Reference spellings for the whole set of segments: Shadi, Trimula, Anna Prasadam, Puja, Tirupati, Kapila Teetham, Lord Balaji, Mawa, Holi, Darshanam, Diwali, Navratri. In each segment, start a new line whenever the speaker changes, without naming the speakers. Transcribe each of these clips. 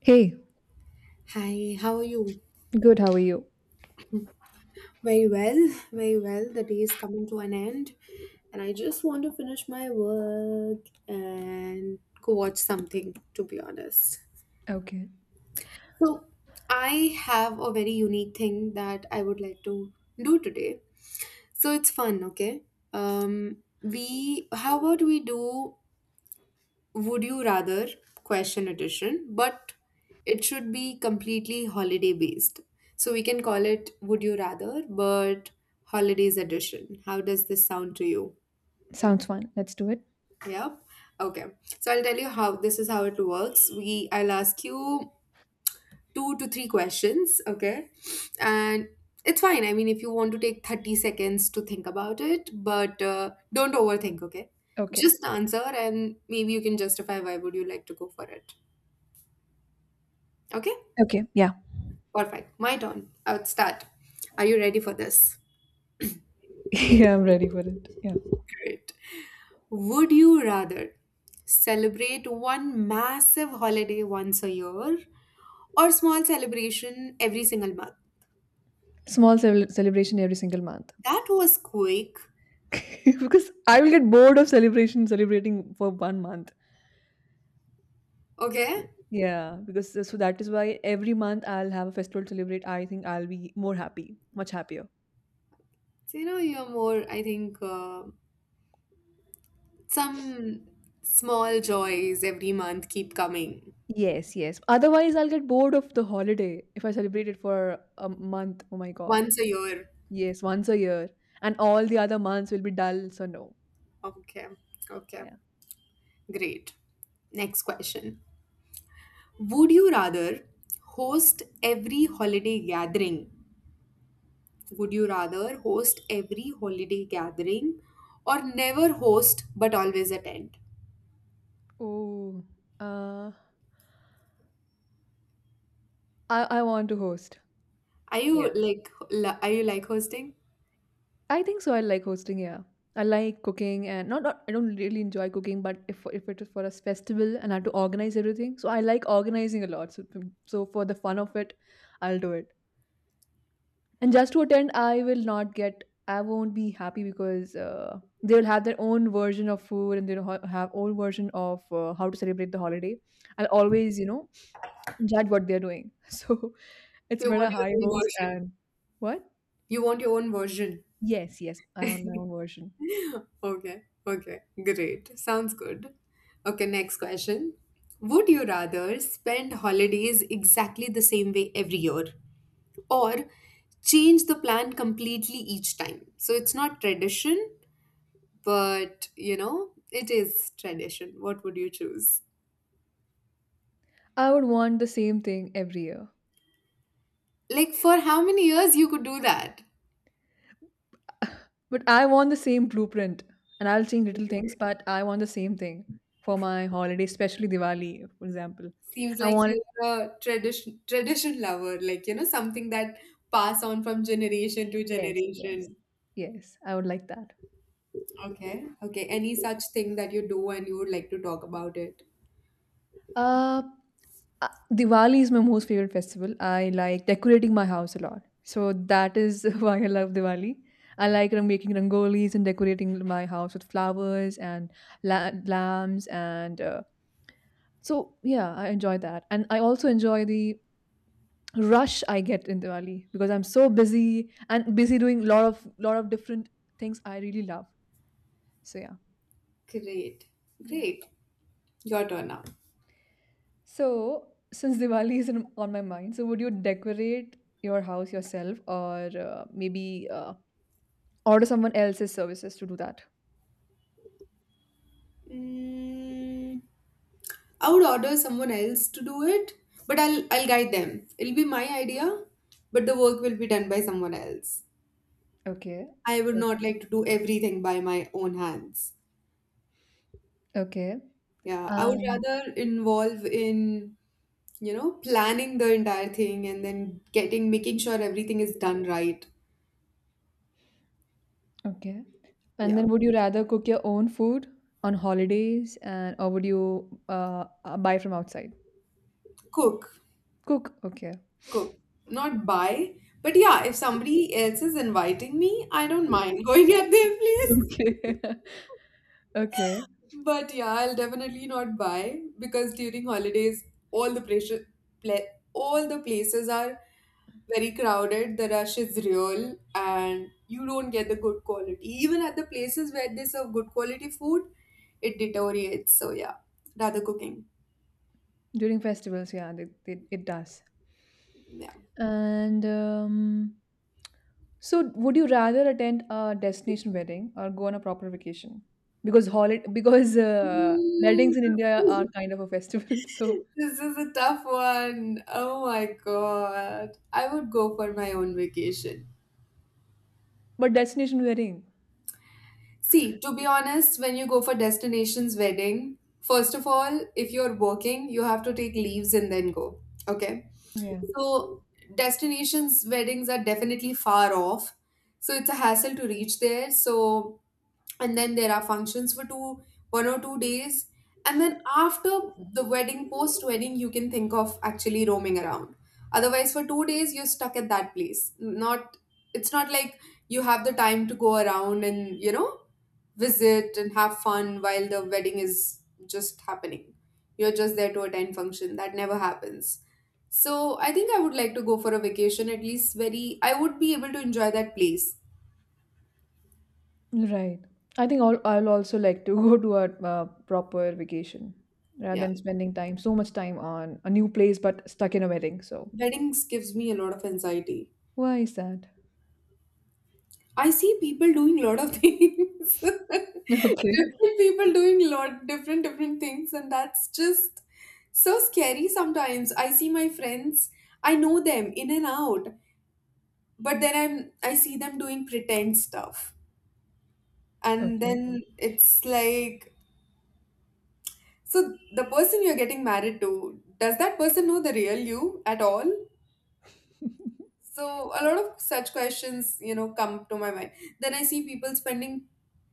Hey,
Hi, how are you?
good. How are you?
Very well, very well. The day is coming to an end, and I just want to finish my work and go watch something, to be honest.
Okay.
So, I have a very unique thing that I would like to do today. So, it's fun, okay? How about we do "would you rather" question edition, but it should be completely holiday based, so we can call it "would you rather" but holidays edition. How does this sound to you?
Sounds fun. Let's do it.
Yep. Okay, so I'll tell you how this is how it works. We i'll ask you two to three questions, okay? And it's fine, I mean, if you want to take 30 seconds to think about it, but don't overthink, okay?
Okay.
Just answer, and maybe you can justify why would you like to go for it. Okay.
Okay. Yeah.
All right, my turn. I would start. Are you ready for this?
Yeah, I'm ready for it. Yeah.
Great. Would you rather celebrate one massive holiday once a year, or small celebration every single month?
Celebration every single month.
That was quick.
Because I will get bored of celebration celebrating for one month.
Okay.
Yeah, because so that is why every month I'll have a festival to celebrate. I think I'll be more happy, much happier.
So, you know, you're more, I think, some small joys every month keep coming.
Yes, yes. Otherwise, I'll get bored of the holiday if I celebrate it for a month. Oh my god.
Once a year.
Yes, once a year. And all the other months will be dull, so no.
Okay. Okay.
Yeah.
Great. Next question. Would you rather host every holiday gathering Would you rather host every holiday gathering, or never host but always attend?
Oh, uh, I want to host. Yeah.
Are you like hosting?
I think so. I like hosting. Yeah, I like cooking, and not I don't really enjoy cooking, but if it is for a festival and I have to organize everything, so I like organizing a lot. So for the fun of it, I'll do it. And just to attend, I will not get. I won't be happy because they will have their own version of food and they will have own version of how to celebrate the holiday. I'll always, you know, judge what they're doing. So it's
You want
better
your
I
own
host
version.
and what?
You want your own version.
Yes, yes, I want my own version.
Okay. Okay. Great. Sounds good. Okay, next question. Would you rather spend holidays exactly the same way every year, or change the plan completely each time? So it's not tradition, but you know it is tradition. What would you choose?
I would want the same thing every year.
Like, for how many years you could do that?
But I want the same blueprint. And I'll change little things, but I want the same thing for my holiday, especially Diwali, for example.
Seems
I
like
want it.
you're a tradition lover, like, you know, something that pass on from generation to
Yes, yes,
generation.
yes. I would like that.
Okay. Okay, any such thing that you do and you would like to talk about it?
Uh, uh, Diwali is my most favorite festival. I like decorating my house a lot. So that is why I love Diwali. I like making rangolis and decorating my house with flowers and lamps and so yeah, I enjoy that. And I also enjoy the rush I get in Diwali because I'm so busy and busy doing lot of different things I really love. So yeah.
Great.
Yeah.
Great. Your turn now.
So since Diwali is on my mind, so would you decorate your house yourself or maybe order someone else's services to do that?
Mm, I would order someone else to do it, but I'll guide them. It'll be my idea, but the work will be done by someone else.
Okay.
I would
Yep.
not like to do everything by my own hands.
Okay.
Yeah, I would
Um
rather involve in planning the entire thing, and then getting, making sure everything is done right.
okay. And
Yeah,
then would you rather cook your own food on holidays and or would you buy from outside?
cook,
Cook, okay.
cook, not buy. But yeah, if somebody else is inviting me, I don't mind going at their place.
Okay. Okay.
But yeah, I'll definitely not buy, because during holidays, all the pressure, pla- all the places are very crowded. The rush is real, and you don't get the good quality. Even at the places where they serve good quality food, it deteriorates. So yeah, rather cooking.
During festivals, yeah, it does.
Yeah.
And so, would you rather attend a destination wedding or go on a proper vacation? Because holiday, because weddings in India are
Mm.
kind of a festival. So,
This is a tough one. Oh my God. I would go for my own vacation.
but destination wedding,
See, to be honest, when you go for destinations wedding, first of all, if you're working, you have to take leaves and then go. Okay.
yeah,
So destinations weddings are definitely far off. So it's a hassle to reach there. So, and then there are functions for two one or two days, and then after the wedding post wedding you can think of actually roaming around. Otherwise, for two days you're stuck at that place. Not It's not like you have the time to go around and visit and have fun while the wedding is just happening. You're just there to attend function that never happens. So I think I would like to go for a vacation. At least very I would be able to enjoy that place.
right. I think I'll also like to go to a proper vacation rather
Yeah,
than spending time so much time on a new place but stuck in a wedding. So,
weddings gives me a lot of anxiety.
why is that?
I see people doing lot of things.
Okay,
Different people doing lot different things, and that's just so scary sometimes. I see my friends, I know them in and out, but then I see them doing pretend stuff. And
okay.
then it's like, so the person you're getting married to, does that person know the real you at all? So a lot of such questions come to my mind. Then I see people spending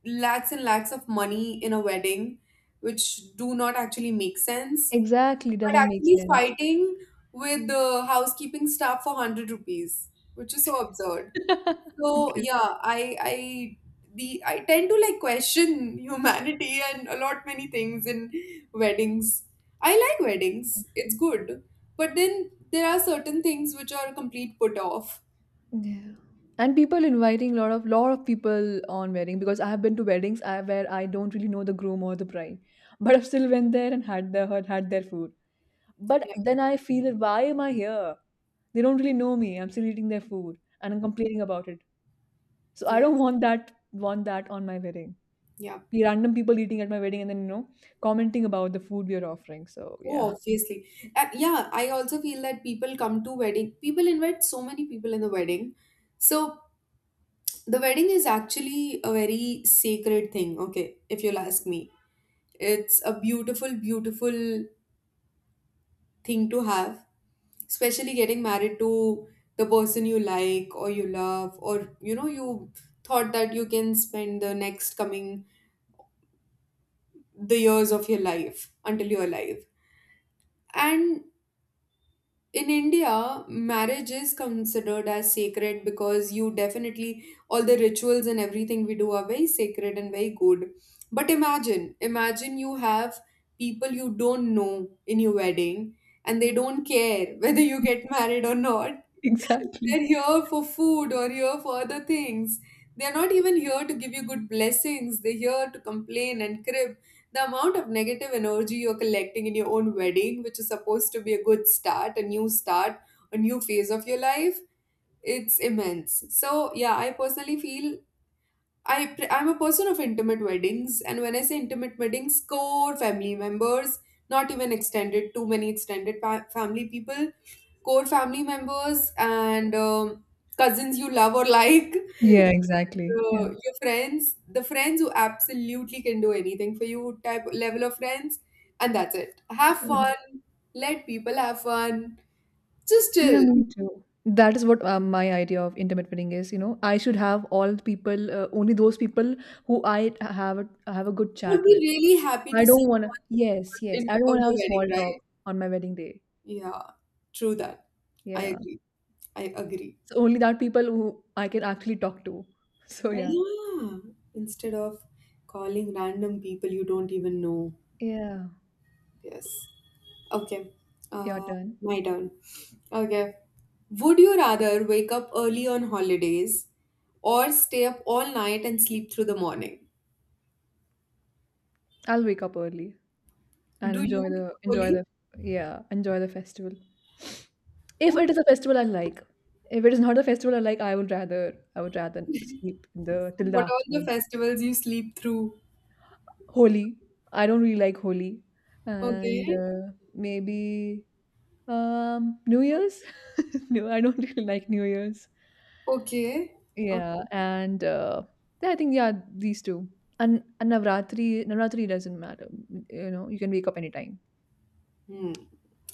lakhs and lakhs of money in a wedding, which do not actually make sense,
Exactly,
but
doesn't make
actually
sense.
fighting with the housekeeping staff for 100 rupees, which is so absurd. So
Okay.
yeah, I tend to like question humanity and a lot many things in weddings. I like weddings. It's good. But then there are certain things which are a complete put off.
Yeah. And people inviting a lot of people on wedding because I have been to where I don't really know the groom or the bride, but I still went there and had had their food. But then I feel that why am I here? They don't really know me. I'm still eating their food and I'm complaining about it. So I don't
Yes,
want that on my wedding.
yeah.
The Random people eating at my wedding and then you know commenting about the food we are offering. So yeah,
Oh, obviously. Yeah, I also feel that people come to wedding. People invite so many people in the wedding. So the wedding is actually a very sacred thing, okay, if you'll ask me. It's a beautiful, beautiful thing to have, especially getting married to the person you like or you love, or you thought that you can spend the next coming the years of your life until you're alive. And in India, marriage is considered as sacred, because you definitely, all the rituals and everything we do are very sacred and very good. But imagine, imagine you have people you don't know in your wedding, and they don't care whether you get married or not.
exactly.
They're here for food or here for other things. They're not even here to give you good blessings. They're here to complain and crib. The amount of negative energy you're collecting in your own wedding, which is supposed to be a good start, a new phase of your life, it's immense. So, yeah, I personally feel I'm a person of intimate weddings, and when I say intimate weddings, core family members, not even extended, too many extended family people, core family members, and cousins you love or like, uh,
Yeah, exactly. Yeah.
your friends, the friends who absolutely can do anything for you, type level of friends, and that's it. Have
Mm.
fun, let people have fun, just
Yeah,
chill.
me too. That is what my idea of intimate wedding is. You know, I should have all the people, only those people who I have have a good
We'll
chat
be
with.
really happy
I
to see
don't want
you
to.
on,
Yes,
on,
yes.
in,
I don't
on
want to have
your
a
wedding,
small talk
right?
on my wedding day.
Yeah, true that. I
Yeah.
agree. I agree.
So only that people who I can actually talk to. So yeah.
Yeah, instead of calling random people you don't even know.
Yeah.
Yes. Okay.
Your
Uh,
turn.
my turn. Okay. Would you rather wake up early on holidays, or stay up all night and sleep through the morning?
I'll wake up early and
Do you
enjoy
wake
the
up
enjoy
early?
the yeah enjoy the festival if
Oh,
it is a festival I like, if it is not a festival I like, I would rather sleep in the
so
till the
what all the
afternoon.
festivals you sleep through?
Holi, I don't really like Holi,
Okay.
and maybe um, new year's, no I don't really like new year's.
Okay.
Yeah.
Okay.
And yeah, I think yeah these two. And navratri, doesn't matter, you know, you can wake up anytime.
Hmm.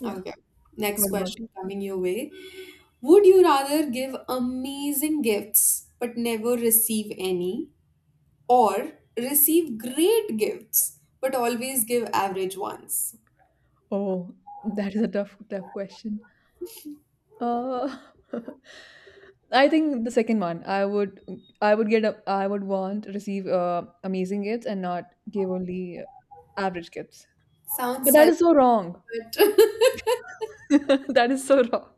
Yeah.
Okay. Next
What about
question
you?
coming your way. Would you rather give amazing gifts but never receive any, or receive great gifts but always give average ones?
Oh, that is a tough question. Uh, I think the second one. I would I would want receive amazing gifts and not give only average gifts.
Sounds
But that is
selfish.
so wrong.
but-
That is so wrong.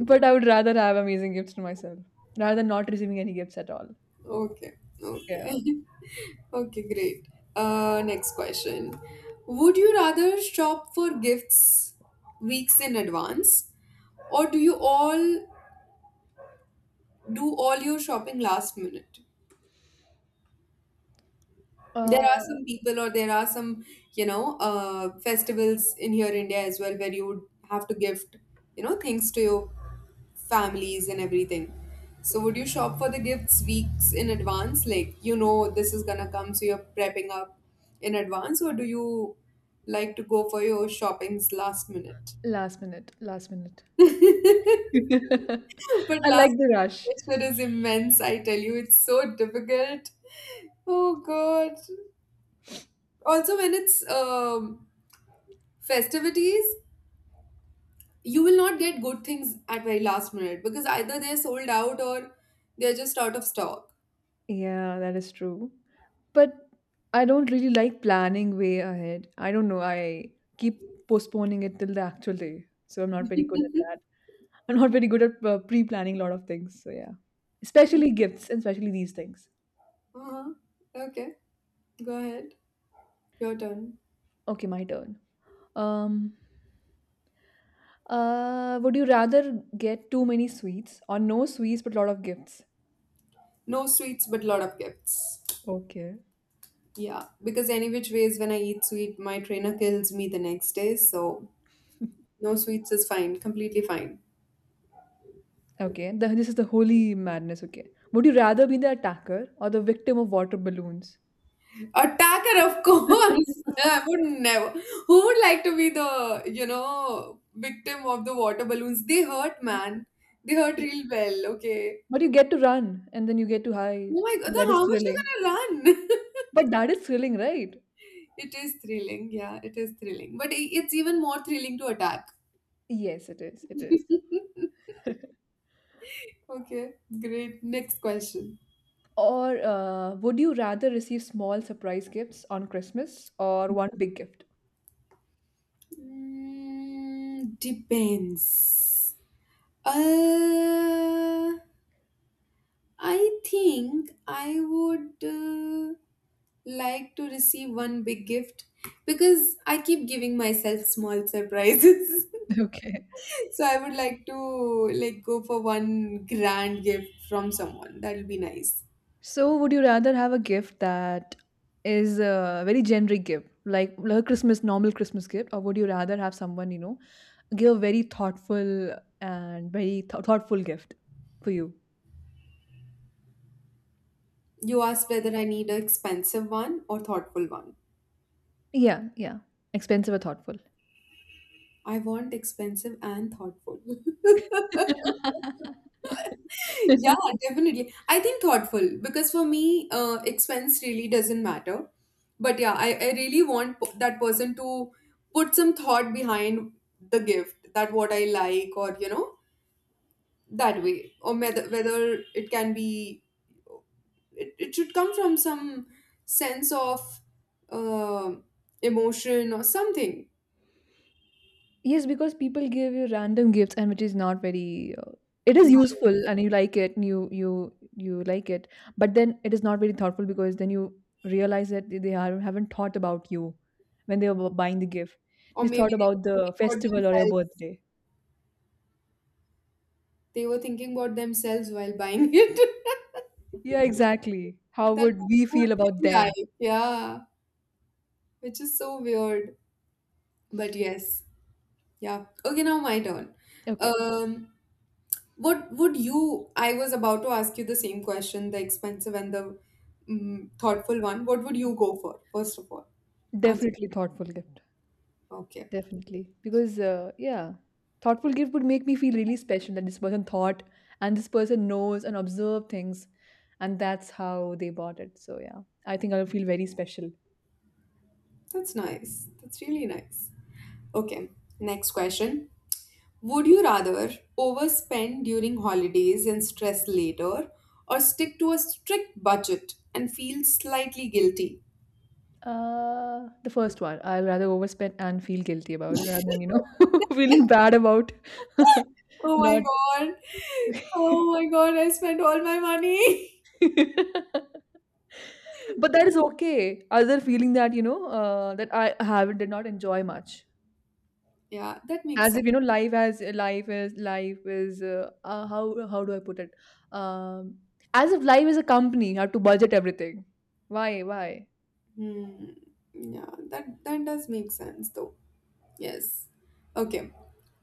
But I would rather have amazing gifts to myself rather than not receiving any gifts at all.
okay, okay,
Yeah.
okay, great. Next question: would you rather shop for gifts weeks in advance, or do all your shopping last minute? There are
Uh,
some people, or there are some, festivals in here India as well, where you would have to gift things to your families and everything. So, would you shop for the gifts weeks in advance? Like this is gonna come, so you're prepping up in advance, or do you like to go for your shoppings last minute?
Last minute. Last minute.
But
I
last
like the rush.
minute pressure is immense, I tell you, it's so difficult. Oh God. Also, when it's festivities, you will not get good things at very last minute, because either they're sold out or they're just out of stock.
Yeah, that is true. But I don't really like planning way ahead. I don't know. I keep postponing it till the actual day. So I'm not very good at that. I'm not very good at pre planning a lot of things. So yeah. Especially gifts and especially these things.
Uh-huh. Okay, go ahead, your turn.
Okay, my turn. Um, would you rather get too many sweets or no sweets but a lot of gifts?
No sweets, but lot of gifts.
Okay.
Yeah, because any which ways, when I eat sweet my trainer kills me the next day. So no sweets is fine, completely fine.
Okay, this is the holy madness. Okay. Would you rather be the attacker or the victim of water balloons?
Attacker, of course. I would never Who would like to be the victim of the water balloons? They hurt, man. They hurt, real well. Okay.
But you get to run and then you get to
Oh
hide,
my God,
and that
then
is
how much you
thrilling.
gonna run?
But that is thrilling, right?
It is thrilling. Yeah, it is thrilling. But it's even more thrilling to attack.
Yes, it is. It is.
Okay, great. Next question.
Or would you rather receive small surprise gifts on Christmas or one big gift?
Depends. Uh, I think I would like to receive one big gift, because I keep giving myself small surprises.
Okay.
So I would like to, like, go for one grand gift from someone. That'll be nice.
So would you rather have a gift that is a very generic gift, like a Christmas, normal Christmas gift, or would you rather have someone, you know, give a very thoughtful and very thoughtful gift for you?
You asked whether I need an expensive one or thoughtful one.
Yeah, yeah. Expensive or thoughtful.
I want expensive and thoughtful. Yeah, definitely. I think thoughtful, because for me, expense really doesn't matter. But yeah, I really want that person to put some thought behind the gift, that what I like, or that way, or whether it can be it should come from some sense of uh, emotion or something.
Yes, because people give you random gifts and which is not very it is useful and you like it and you like it but then it is not very thoughtful because then you realize that they are haven't thought about you when they were buying the gift.
Or
Just
maybe
thought
they were
about
thinking
the
about
festival or your
themselves.
birthday.
They were thinking about themselves while buying it.
Yeah, exactly. How
That's
would we
what
feel
I
about
like.
them?
Yeah. Which is so weird. But yes. Yeah. Okay, now my turn.
Okay.
Um, I was about to ask you the same question, the expensive and the thoughtful one. What would you go for, first of all? Answer.
Definitely thoughtful gift.
Okay.
Definitely. Because, yeah, thoughtful gift would make me feel really special that this person thought and this person knows and observed things, and that's how they bought it. So, yeah, I think I'll feel very special.
That's nice. That's really nice. Okay. Next question. Would you rather overspend during holidays and stress later, or stick to a strict budget and feel slightly guilty?
The first one, I'll rather overspend and feel guilty about it rather than, you know, feeling bad about
Oh my
not.
god. Oh my god, I spent all my money.
But that is okay. Other feeling that, you know, that I haven't, did not enjoy much.
Yeah, that makes
As
sense.
if you know, life is how do I put it? Um, as if life is a company, you have to budget everything. Why? Why?
Hmm. Yeah, that does make sense though. Yes. Okay.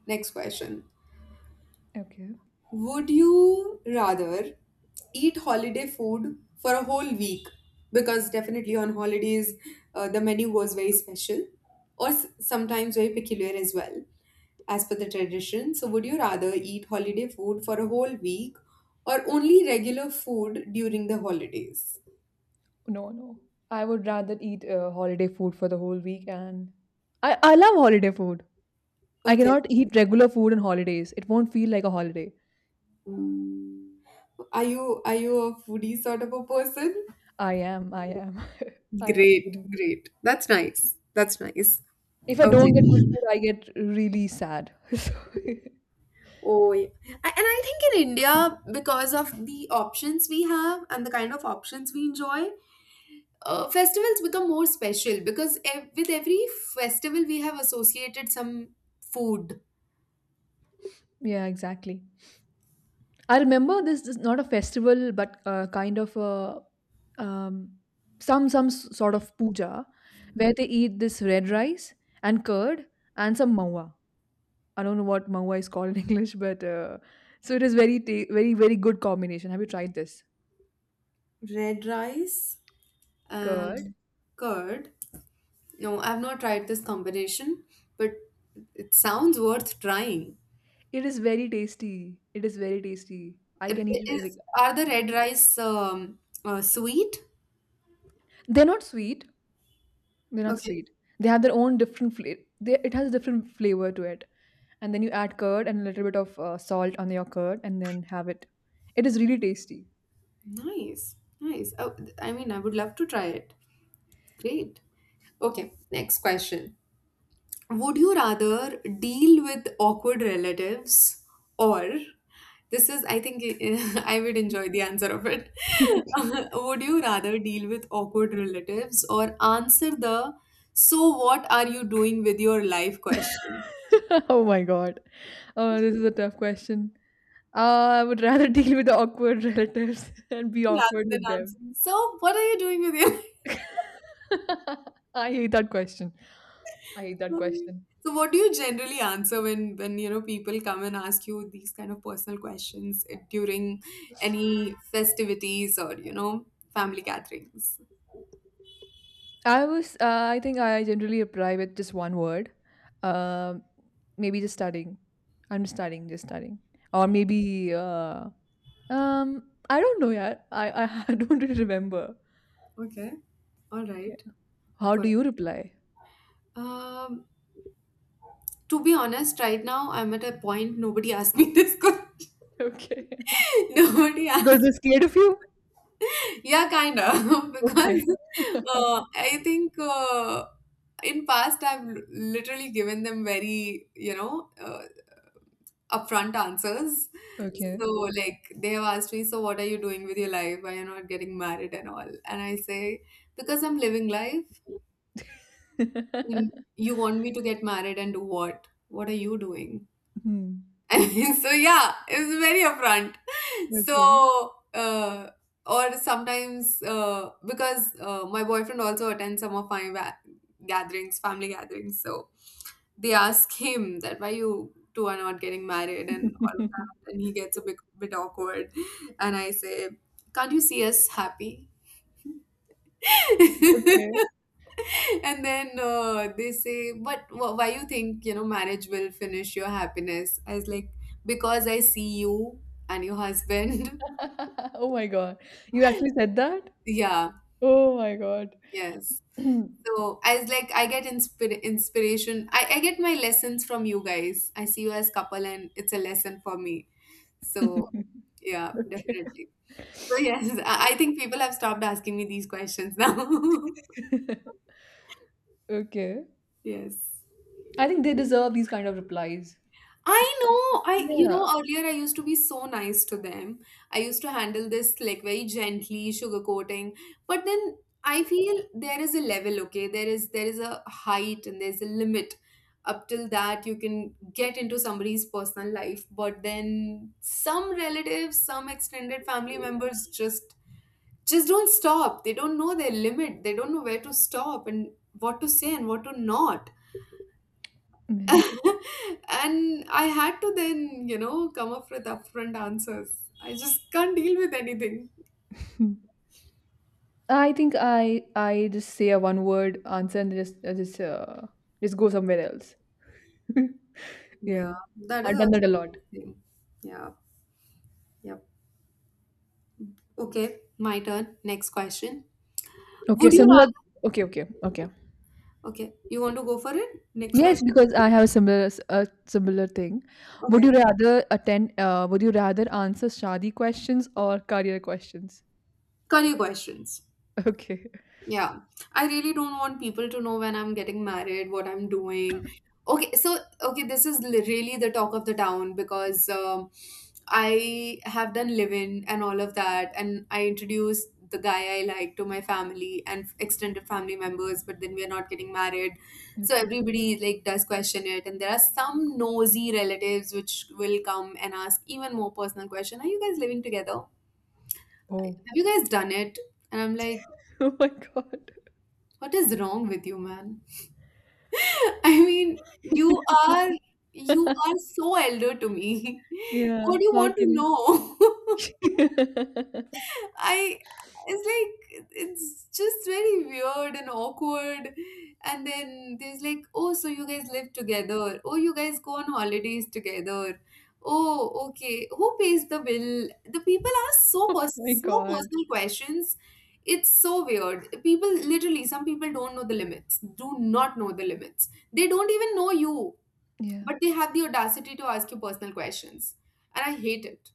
Next question.
Okay.
Would you rather eat holiday food for a whole week? Because definitely on holidays, the menu was very special or sometimes very peculiar as well, as per the tradition. So, would you rather eat holiday food for a whole week or only regular food during the holidays?
No, no. I would rather eat holiday food for the whole week, and I love holiday food. I
Okay,
cannot eat regular food on holidays. It won't feel like a holiday.
are you a foodie sort of a person?
I am. I am. I am.
Great,
Kidding.
great. That's nice. That's nice.
If I
Okay.
don't get good food, I get really sad. So,
Oh, yeah. And I think in India, because of the options we have and the kind of options we enjoy, festivals become more special because with every festival we have associated some food.
yeah, exactly. I remember this is not a festival, but kind of a um, some sort of puja where they eat this red rice and curd and some mawa. I don't know what mawa is called in English, but so it is very very good combination. Have you tried this
Red rice
curd?
and curd. No, I've not tried this combination, but it sounds worth trying.
It is very tasty. It is very tasty. I
It,
can
it
eat it. Like-
is, are the red rice sweet?
They're not sweet, They're not
Okay.
sweet. They have their own different flavor. It has a different flavor to it. And then you add curd and a little bit of salt on your curd and then have it. It is really tasty.
Nice. Nice. Oh, I mean, I would love to try it. Great. Okay, next question. Would you rather deal with awkward relatives or this is, I think, I would enjoy the answer of it. Would you rather deal with awkward relatives or answer the so what are you doing with your life question
Oh my god. Oh, this is a tough question. I would rather deal with the awkward relatives and be
rather
awkward
than
with them.
answering so what are you doing with your.
I hate that question. I hate that
Um,
question.
So what do you generally answer when you know people come and ask you these kind of personal questions during any festivities or you know family gatherings?
I think I generally reply with just one word. Um, maybe Just studying. I'm just studying, just studying. Or maybe, I don't know yet. I don't really remember.
Okay. All
Yeah.
right.
How do
But
you reply?
um to be honest, right now I'm at a point nobody asked me this question.
Okay.
Nobody
Because
asked.
they're scared of you?
Yeah, kind of.
Okay.
Because I think in past literally given them very, you know, uh, upfront answers.
Okay.
So like they have asked me, so what are you doing with your life? Why you're not getting married and all? And I say, because I'm living life. And you want me to get married and do what? What are you doing?
Hmm.
I mean, so yeah, it's very upfront.
Okay.
So uh, or sometimes because my boyfriend also attends some of my gatherings, family gatherings. So they ask him that why you two are not getting married and all of that and he gets a bit awkward and I say, can't you see us happy?
Okay.
And then they say, but why you think you know marriage will finish your happiness? I was like, because I see you and your husband.
Oh my god. You actually said that?
Yeah.
Oh my god.
Yes. So I was like, I get inspiration. I get my lessons from you guys. I see you as couple and it's a lesson for me. So yeah,
Okay.
definitely. So yes, I think people have stopped asking me these questions now.
Okay.
Yes.
I think they deserve these kind of replies. Just
I know, I you
yeah,
know, earlier I used to be so nice to them. I used to handle this like very gently, sugarcoating. But then I feel there is a level, okay? There is a height and there's a limit. Up till that you can get into somebody's personal life, but then some relatives, some extended family members just don't stop. They don't know their limit. They don't know where to stop and what to say and what to not.
yeah.
And I had to then, you know, come up with upfront answers. I just can't deal with anything.
I think I just say a one word answer and just I just go somewhere else. Yeah,
Yeah, that
I've
is
done that
also
a lot.
interesting. Yeah, yep. Okay, my turn. Next question.
Okay,
Would you
similar.
rather?
Okay, okay, okay.
Okay, you want to go for it? Next
Yes,
question.
because I have a similar thing. Would
Okay,
you rather attend? Would you rather answer shadi questions or career questions?
career questions.
Okay,
Yeah, I really don't want people to know when I'm getting married, what I'm doing. Okay, so okay, this is really the talk of the town because I have done live-in and all of that, and I introduced the guy I like to my family and extended family members, but then we are not getting married, so
okay.
everybody like does question it, and there are some nosy relatives which will come and ask even more personal question. Are you guys living together? Have
Oh,
you guys done it? And I'm like,
oh my god.
what is wrong with you, man? I mean, you are you are so elder to me. What
Yeah,
do you
how
want to
can you
know? I it's like it's just very weird and awkward. And then there's like, oh, so you guys live together. Oh, you guys go on holidays together. Oh, okay. Who pays the bill? The people ask so
my
so
God.
personal questions. It's so weird. People literally, some people don't know the limits. Do not know the limits. They don't even know you,
Yeah.
but they have the audacity to ask you personal questions. And I hate it.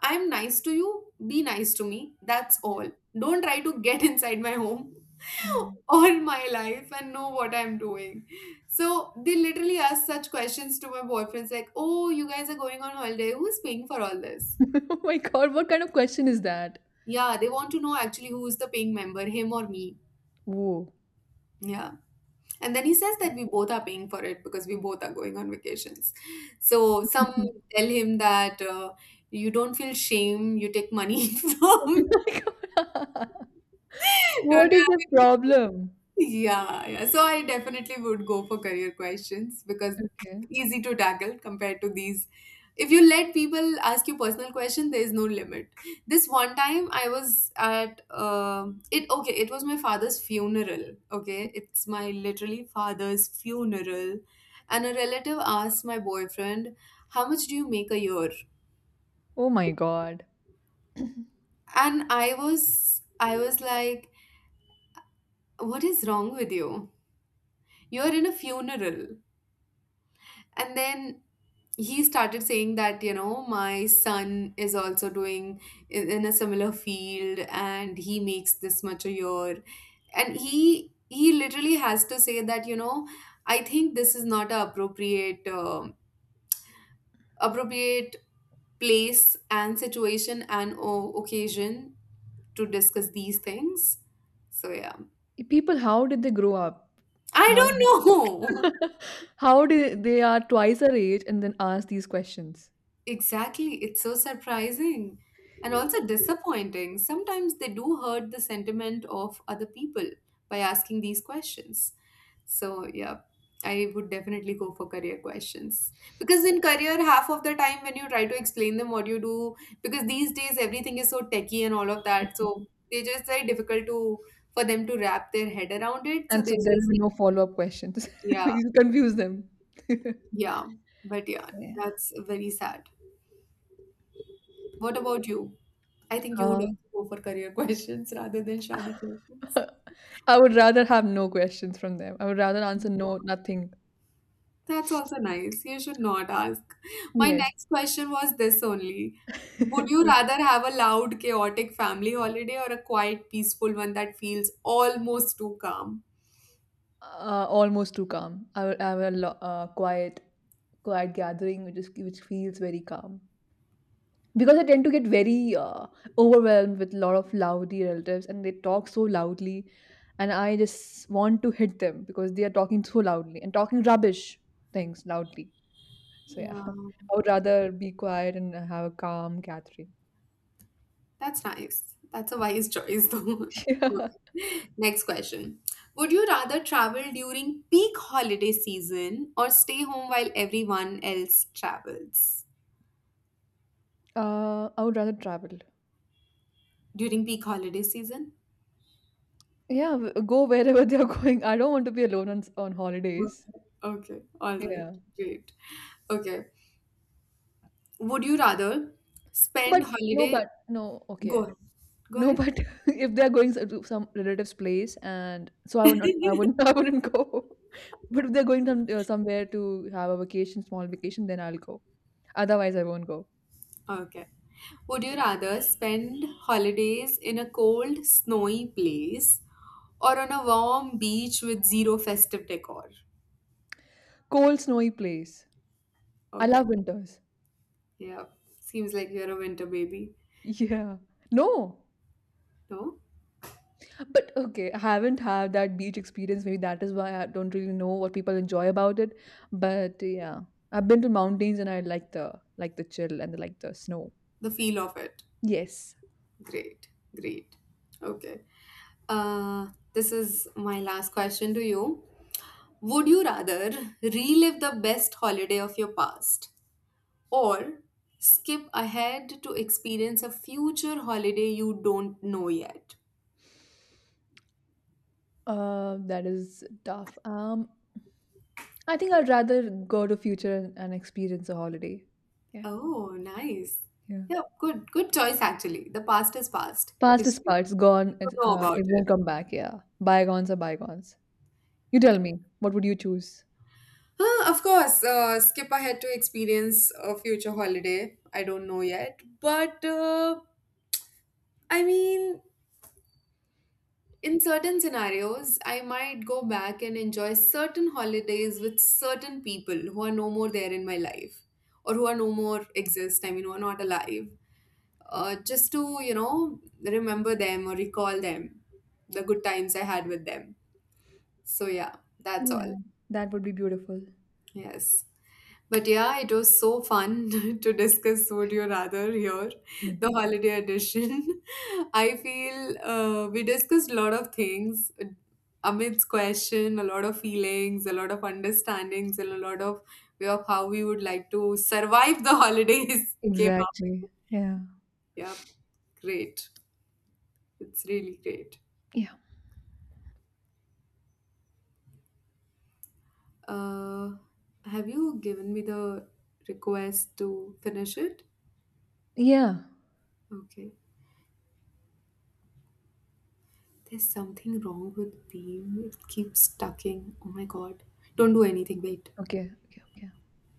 I'm nice to you, be nice to me. That's
Yeah.
all. Don't try to get inside my home
Mm.
all my life and know what I'm doing. So they literally ask such questions to my boyfriends like, oh, you guys are going on holiday. Who's paying for all this?
Oh my God, what kind of question is that?
Yeah, they want to know actually who is the paying member, him or me.
Whoa.
Yeah. And then he says that we both are paying for it because we both are going on vacations. So some tell him that you don't feel shame, you take money
My
from,
God.
don't you
What is the
have any?
problem?
Yeah, yeah. So I definitely would go for career questions because
Okay.
easy to tackle compared to these. If you let people ask you personal question, there is no limit. This one time I was at it okay, it was my father's funeral. Okay, it's my literally father's funeral, and a relative asked my boyfriend, "How much do you make a year?"
Oh my God.
And I was like, "What is wrong with you? You're in a funeral." And then he started saying that, you know, my son is also doing in a similar field and he makes this much a year. And he literally has to say that, you know, I think this is not a appropriate appropriate place and situation and occasion to discuss these things. So yeah.
People, how did they grow up? How,
I don't know.
how did they are twice our age and then ask these questions?
Exactly, it's so surprising and also disappointing. Sometimes they do hurt the sentiment of other people by asking these questions. So, yeah, I would definitely go for career questions because in career, half of the time when you try to explain them what you do, because these days everything is so techy and all of that, so
Mhm.
they just very difficult to for them to wrap their head around it. So
And
they
so there will
just
be no follow-up questions.
yeah,
You confuse them.
yeah, but yeah,
Yeah.
that's very sad. What about you? I think you would
Uh,
also go for career questions rather than shadi questions.
I would rather have no questions from them. I would rather answer no, nothing.
That's also nice. You should not ask. My
Yes.
next question was this only. Would you rather have a loud, chaotic family holiday or a quiet, peaceful one that feels almost too calm?
Almost too calm. I would have a quiet, quiet gathering, which is which feels very calm. Because I tend to get very overwhelmed with a lot of loudy relatives, and they talk so loudly, and I just want to hit them because they are talking so loudly and talking rubbish things loudly. So yeah,
Yeah,
I would rather be quiet and have a calm gathering.
that's nice. That's a wise choice, though.
Yeah.
Okay. Next question. Would you rather travel during peak holiday season or stay home while everyone else travels?
I would rather travel.
During peak holiday season?
Yeah, go wherever they're going. I don't want to be alone on on holidays.
Okay. Okay. All right.
Yeah.
Great. Okay. Would you rather
But
spend
no,
holiday?
but no,
Go
okay.
ahead. Go
No,
ahead.
but if they're going to some relative's place, and so I would not, I wouldn't, I wouldn't go. But if they're going some, somewhere to have a vacation, small vacation, then I'll go. Otherwise, I won't go.
Okay. Would you rather spend holidays in a cold, snowy place or on a warm beach with zero festive decor?
Cold, snowy place. I
Okay.
love winters.
Yeah. Seems like you're a winter baby.
Yeah. No.
No?
But okay, I haven't had that beach experience. Maybe that is why I don't really know what people enjoy about it. But yeah, I've been to mountains and I like the chill and like the snow.
The feel of it.
Yes,
Great. Great. Okay. Uh, this is my last question to you. Would you rather relive the best holiday of your past or skip ahead to experience a future holiday you don't know yet?
that is tough. I think I'd rather go to future and experience a holiday. Yeah,
Oh, nice.
yeah.
Yeah, good, good choice actually. The past is past.
Past is
History.
past, gone.
You
It's,
don't know about
it
it.
won't come back. Yeah, bygones are bygones. You tell me, what would you choose?
Huh, of course, skip ahead to experience a future holiday. I don't know yet, but I mean, in certain scenarios, I might go back and enjoy certain holidays with certain people who are no more there in my life or who are no more exist, I mean, who are not alive,
Okay.
just to, you know, remember them or recall them, the good times I had with them. So, yeah, that's all.
Yeah, that would be beautiful.
Yes. But yeah, it was so fun to discuss Would You Rather here, the
Yes,
holiday edition. I feel we discussed a lot of things amidst question, a lot of feelings, a lot of understandings, and a lot of way of how we would like to survive the holidays came up.
exactly. Yeah.
Yeah, great. It's really great.
Yeah.
Uh, have you given me the request to finish it?
Yeah.
Okay. There's something wrong with being. It keeps stucking. Oh my god. Don't do anything. Wait.
Okay. Okay. Okay.